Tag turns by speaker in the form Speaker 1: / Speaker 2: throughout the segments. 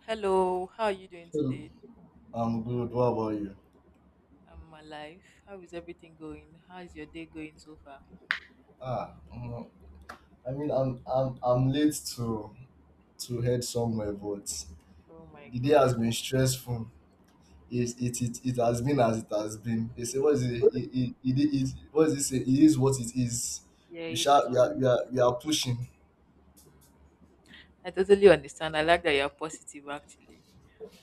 Speaker 1: Hello, how are you doing
Speaker 2: Hello.
Speaker 1: today?
Speaker 2: I'm good. What about you?
Speaker 1: I'm alive. How is everything going? How is your day going so far?
Speaker 2: Ah, mm, I mean, I'm late to head somewhere, but
Speaker 1: Oh my
Speaker 2: the day has
Speaker 1: god.
Speaker 2: been stressful. It has been as it has been. They say, what is it? It, what is it? Say? It is what it is.
Speaker 1: Yeah,
Speaker 2: We
Speaker 1: it is
Speaker 2: shall we
Speaker 1: what it
Speaker 2: are
Speaker 1: is.
Speaker 2: we are, we are pushing.
Speaker 1: Mm. I totally understand. I like that you're positive actually.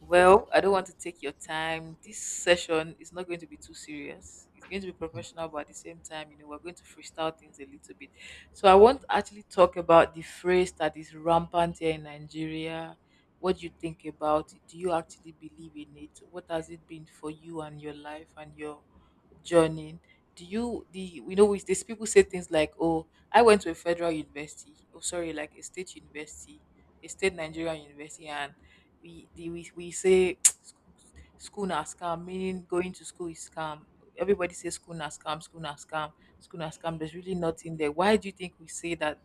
Speaker 1: Well, I don't want to take your time. This session is not going to be too serious. It's going to be professional, but at the same time, we're going to freestyle things a little bit. So I want to actually talk about the phrase that is rampant here in Nigeria. What do you think about it? Do you actually believe in it? What has it been for you and your life and your journey? Do you the you know with these people say things like, "Oh, I went to a federal university, oh sorry, like a state university, a state Nigerian university," and we we say "Sc- school na scam," meaning going to school is scam. Everybody says school na scam, school na scam, school na scam. There's really nothing there. Why do you think we say that?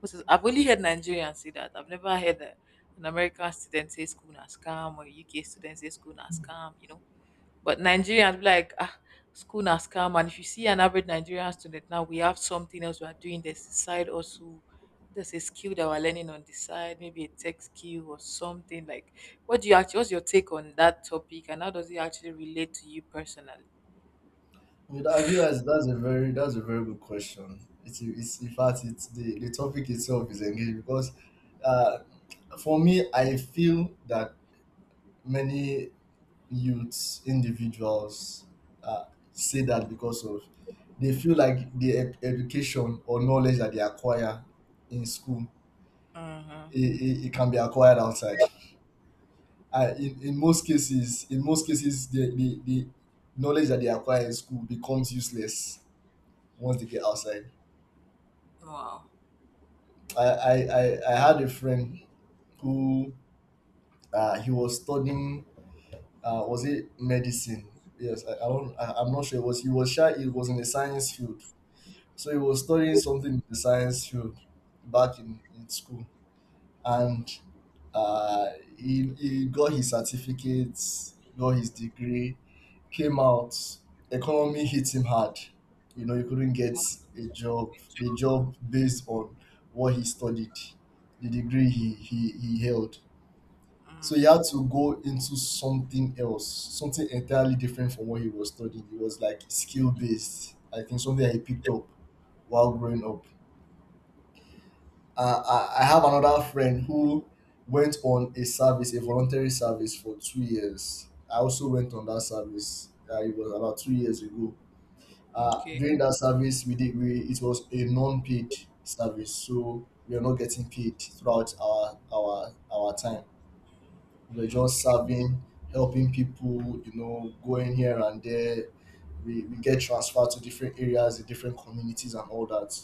Speaker 1: Because I've only heard Nigerians say that. I've never heard an American student say school na scam or UK student say school na scam, you know? But Nigerians be like, "Ah, school na scam." And if you see an average Nigerian student now, we have something else we are doing. There's a side also. There's a skill that we're learning on the side, maybe a tech skill or something. Like, what do you actually? What's your take on that topic, and how does it actually relate to you personally?
Speaker 2: I mean, I realize that's a very— that's a very good question. It's in fact it's the topic itself is engaging because uh for me I feel that many youths, individuals, uh, say that because of— they feel like the education or knowledge that they acquire in school,
Speaker 1: Mm-hmm.
Speaker 2: it can be acquired outside. In most cases, the knowledge that they acquire in school becomes useless once they get outside.
Speaker 1: Wow.
Speaker 2: I had a friend who, he was studying. Was it medicine? Yes. I don't— I'm not sure. It was— he was shy. It was in the science field. So he was studying something in the science field back in school. And uh, he got his certificates, got his degree, came out. Economy hit him hard. You know, he couldn't get a job, the job based on what he studied, the degree he held. So he
Speaker 1: Mm.
Speaker 2: had to go into something else, something entirely different from what he was studying. It was like skill based, I think, something that he picked up while growing up. I have another friend who went on a service, a voluntary service for 2 years. I also went on that service. It was about 2 years ago.
Speaker 1: Okay.
Speaker 2: During that service, we did we it was a non-paid service, so we are not getting paid throughout our time. We're just
Speaker 1: Okay.
Speaker 2: serving, helping people, going here and there. We get transferred to different areas, the different communities, and all that.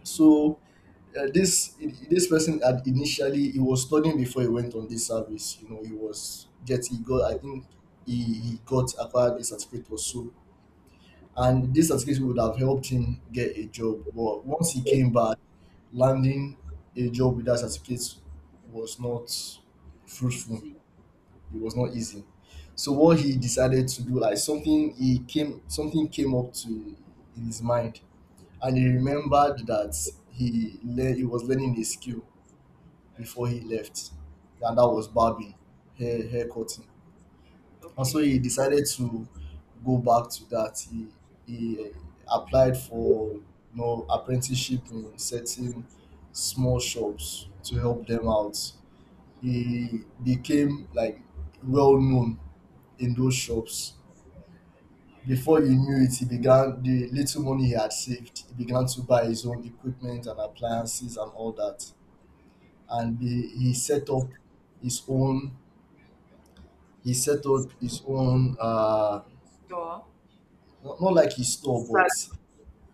Speaker 1: Okay.
Speaker 2: So uh, this this person had initially— he was studying before he went on this service. You know, he was get he got, I think he got acquired a certificate or so, and this certificate would have helped him get a job. But once he came back, landing a job with that certificate was not fruitful.
Speaker 1: Easy.
Speaker 2: It was not easy. So what he decided to do, like, something came up to in his mind, and he remembered that he was learning a skill before he left, and that was barbing, hair cutting. And so
Speaker 1: Okay.
Speaker 2: he decided to go back to that. He applied for apprenticeship in certain small shops to help them out. He became like well known in those shops. Before
Speaker 1: Okay.
Speaker 2: you knew it, he began— the little money he had saved, he began to buy his own equipment and appliances and all that, and he set up his own— he set up his own uh
Speaker 1: Store.
Speaker 2: not like his store,
Speaker 1: Sal-
Speaker 2: but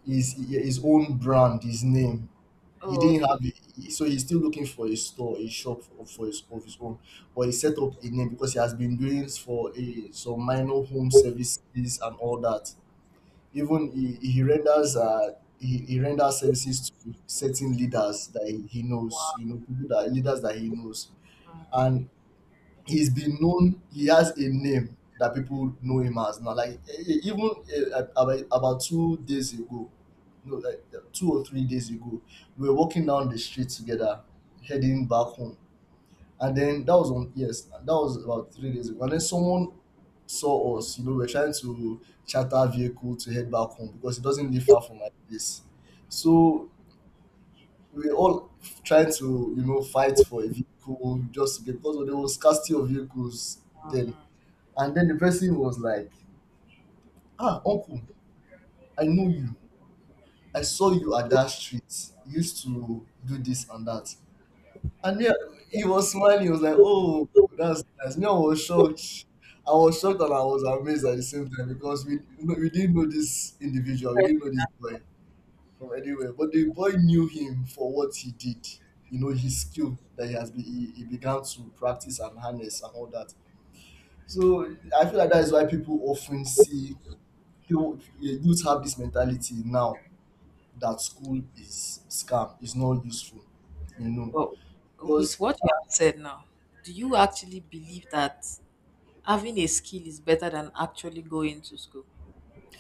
Speaker 2: his own brand. His name, he
Speaker 1: oh,
Speaker 2: didn't
Speaker 1: okay.
Speaker 2: have it, so he's still looking for a store, a shop, for his, of his own. But he set up a name because he has been doing, for a, some minor home services and all that. Even he renders, he renders services to certain leaders that he knows, people, that leaders that he, knows. And he's been known, he has a name that people know him as now, like, even about 2 days ago— no, like, 2 or 3 days ago, we were walking down the street together, heading back home. And then, that was on yes, that was about 3 days ago. And then someone saw us. We are trying to charter a vehicle to head back home because it doesn't live far from my place. So we were all trying to, fight for a vehicle, just to get, because there was scarcity of vehicles then. And then the person was like, "Ah, uncle, I know you. I saw you at that street. You used to do this and that." And yeah, he was smiling. He was like, "Oh, that's nice." Me, I was shocked. I was shocked and I was amazed at the same time because we didn't know this individual. We didn't know this boy from anywhere. But the boy knew him for what he did. You know, his skill that he has been— he began to practice and harness and all that. So I feel like that is why people often see— youth have this mentality now, that school is scam, is not useful, you know.
Speaker 1: But with
Speaker 2: Because—
Speaker 1: what you have said now, do you actually believe that having a skill is better than actually going to school?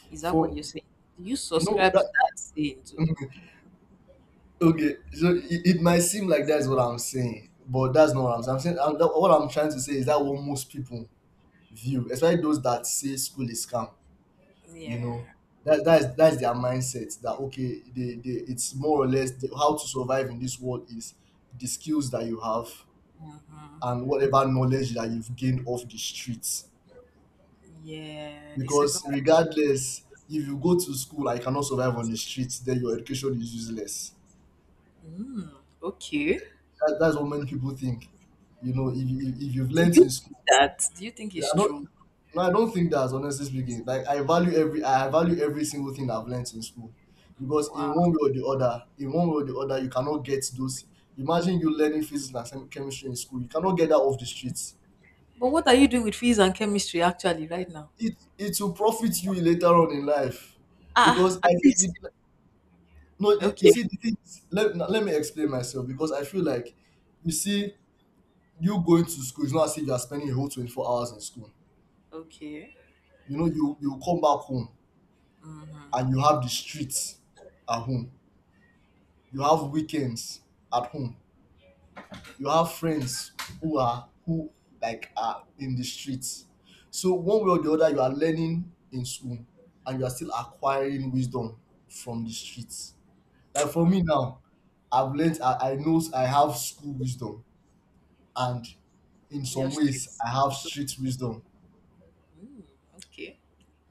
Speaker 1: Is that what
Speaker 2: for
Speaker 1: you're saying? Do you
Speaker 2: you know
Speaker 1: subscribe to
Speaker 2: that
Speaker 1: that saying too?
Speaker 2: okay, so it might seem like that's what I'm saying, but that's not what I'm saying. What I'm trying to say is that what most people view, especially those that say school is scam, you
Speaker 1: Yeah.
Speaker 2: know, that that's their mindset. That okay they it's more or less— how to survive in this world is the skills that you have and whatever knowledge that you've gained off the streets.
Speaker 1: Yeah. The second
Speaker 2: Because
Speaker 1: one.
Speaker 2: regardless, if you go to school, I cannot survive on the streets, then your education is useless.
Speaker 1: Okay.
Speaker 2: That's what many people think. You know, if you've
Speaker 1: Do
Speaker 2: learnt
Speaker 1: you
Speaker 2: in
Speaker 1: think
Speaker 2: school—
Speaker 1: that? Do you think it's
Speaker 2: I don't,
Speaker 1: true?
Speaker 2: no, I don't think that's— honestly speaking. Like, I value every single thing I've learnt in school, because
Speaker 1: Wow.
Speaker 2: in one way or the other, you cannot get those. Imagine you learning physics and chemistry in school, you cannot get that off the streets.
Speaker 1: But what are you doing with physics and chemistry actually right now?
Speaker 2: It will profit you later on in life, because
Speaker 1: Ah, at least.
Speaker 2: no, you, you
Speaker 1: Okay.
Speaker 2: see, the thing is, now let me explain myself because I feel like, you see, you going to school is not as if you are spending a whole 24 hours in school.
Speaker 1: Okay.
Speaker 2: You know, you come back home,
Speaker 1: Mm-hmm.
Speaker 2: and you have the streets at home. You have weekends at home. You have friends who are, who like, are in the streets. So one way or the other, you are learning in school and you are still acquiring wisdom from the streets. Like, for me now, I've learned, I know I have school wisdom, and in
Speaker 1: Your
Speaker 2: some
Speaker 1: street
Speaker 2: ways I have
Speaker 1: smart.
Speaker 2: street wisdom.
Speaker 1: Mm, okay.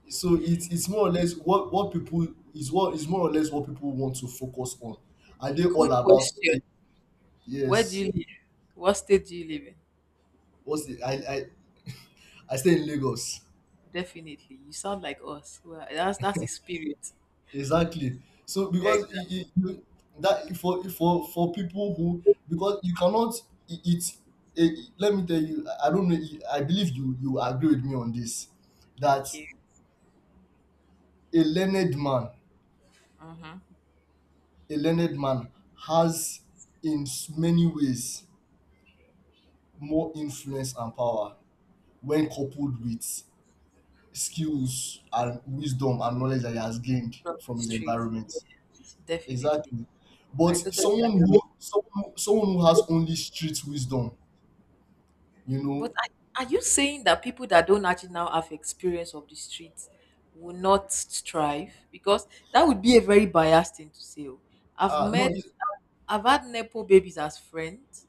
Speaker 2: So it's more or less what is more or less what people want to focus on. Are they all
Speaker 1: Quick
Speaker 2: about,
Speaker 1: question.
Speaker 2: okay?
Speaker 1: Where do
Speaker 2: Yes.
Speaker 1: you live? What state do you live in?
Speaker 2: What's the I stay in Lagos.
Speaker 1: Definitely. You sound like us. Well, that's the spirit.
Speaker 2: Exactly. So because,
Speaker 1: Exactly.
Speaker 2: that for people who, because you cannot— it, it eh, let me tell you, I don't know, I believe you agree with me on this, that
Speaker 1: Okay.
Speaker 2: a learned man
Speaker 1: Mm-hmm.
Speaker 2: a learned man has in— many ways more influence and power when coupled with skills and wisdom and knowledge that he has gained
Speaker 1: From the
Speaker 2: from his
Speaker 1: street.
Speaker 2: environment.
Speaker 1: Yes, definitely.
Speaker 2: Exactly. But
Speaker 1: I totally
Speaker 2: someone
Speaker 1: agree,
Speaker 2: who
Speaker 1: with-
Speaker 2: someone, someone who has only street wisdom, you know,
Speaker 1: But are you saying that people that don't actually now have experience of the streets will not strive? Because that would be a very biased thing to say. Oh. I've
Speaker 2: no,
Speaker 1: met, I've had Nepo babies as friends,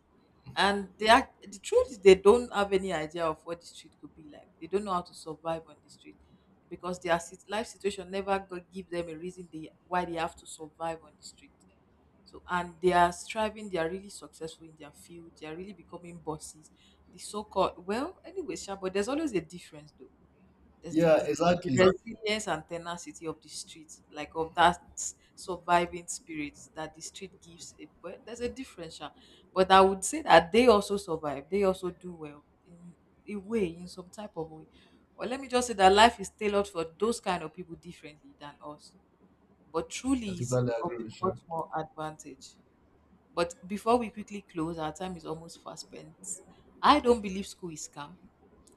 Speaker 1: and they act, the truth is they don't have any idea of what the street could be like, they don't know how to survive on the street because their sit- life situation never go- give them a reason why they have to survive on the street. So and they are striving, they are really successful in their field, they are really becoming bosses, the so-called, well anyway, sure. But there's always a difference though. There's the,
Speaker 2: yeah,
Speaker 1: the, the
Speaker 2: exactly.
Speaker 1: resilience and tenacity of the street, like of that surviving spirit that the street gives. A, but there's a difference, sha. But I would say that they also survive. They also do well in a way, in some type of way. Or let me just say that life is tailored for those kind of people differently than us, but
Speaker 2: I
Speaker 1: truly is
Speaker 2: totally
Speaker 1: of
Speaker 2: agree with
Speaker 1: a
Speaker 2: you.
Speaker 1: much more advantage. But before we quickly close, our time is almost fast spent. I don't believe school is scam.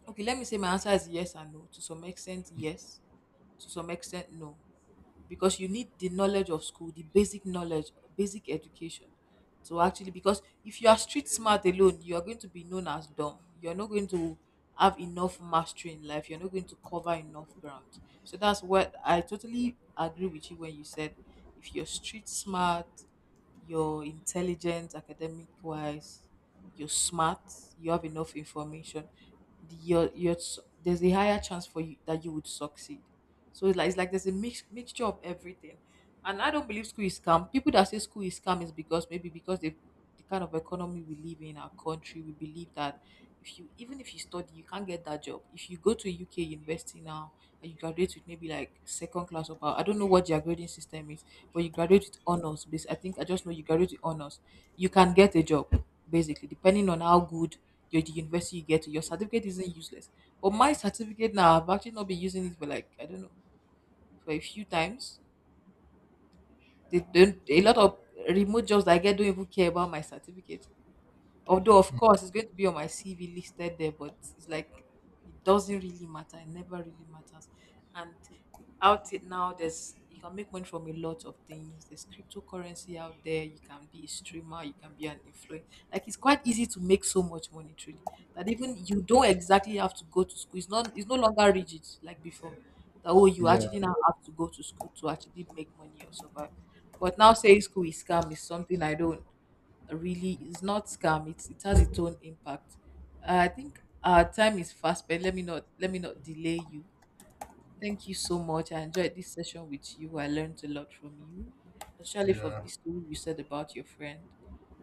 Speaker 1: Okay, let me say my answer is yes and no. To some extent, yes, to some extent no, because you need the knowledge of school, the basic knowledge, basic education. So actually, because if you are street smart alone, you are going to be known as dumb, you're not going to have enough mastery in life, you're not going to cover enough ground. So that's what I totally agree with you when you said, if you're street smart, you're intelligent academic wise, you're smart, you have enough information, the- your s- there's a higher chance for you that you would succeed. So it's like there's a mixture of everything. And I don't believe school is scam. People that say school is scam is because maybe because the kind of economy we live in our country, we believe that if you, even if you study, you can't get that job. If you go to UK university now and you graduate with maybe like second class or power, I don't know what their grading system is, but you graduate with honors. Bas- I think I just know you graduate with honors. You can get a job basically, depending on how good your the university you get to. Your certificate isn't useless. But my certificate now, I've actually not been using it for, like, I don't know, for a few times. They don't a lot of remote jobs I get don't even care about my certificate. Although, of course, it's going to be on my CV listed there, but it's like it doesn't really matter. It never really matters. And out it now, there's you can make money from a lot of things. There's cryptocurrency out there. You can be a streamer. You can be an influencer. Like, it's quite easy to make so much money, truly. That even you don't exactly have to go to school. It's not. It's no longer rigid like before. That oh, you actually
Speaker 2: Yeah,
Speaker 1: now have to go to school to actually make money or survive. But now saying school is scam is something I don't really, is not scam. It has its own impact. I think our time is fast, but let me not delay you. Thank you so much. I enjoyed this session with you. I learned a lot from you, especially from
Speaker 2: yeah.
Speaker 1: this story you said about your friend.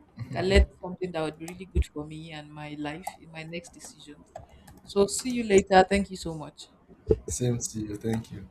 Speaker 1: I think I learned something that would be really good for me and my life in my next decisions. So see you later. Thank you so much.
Speaker 2: Same to you. Thank you.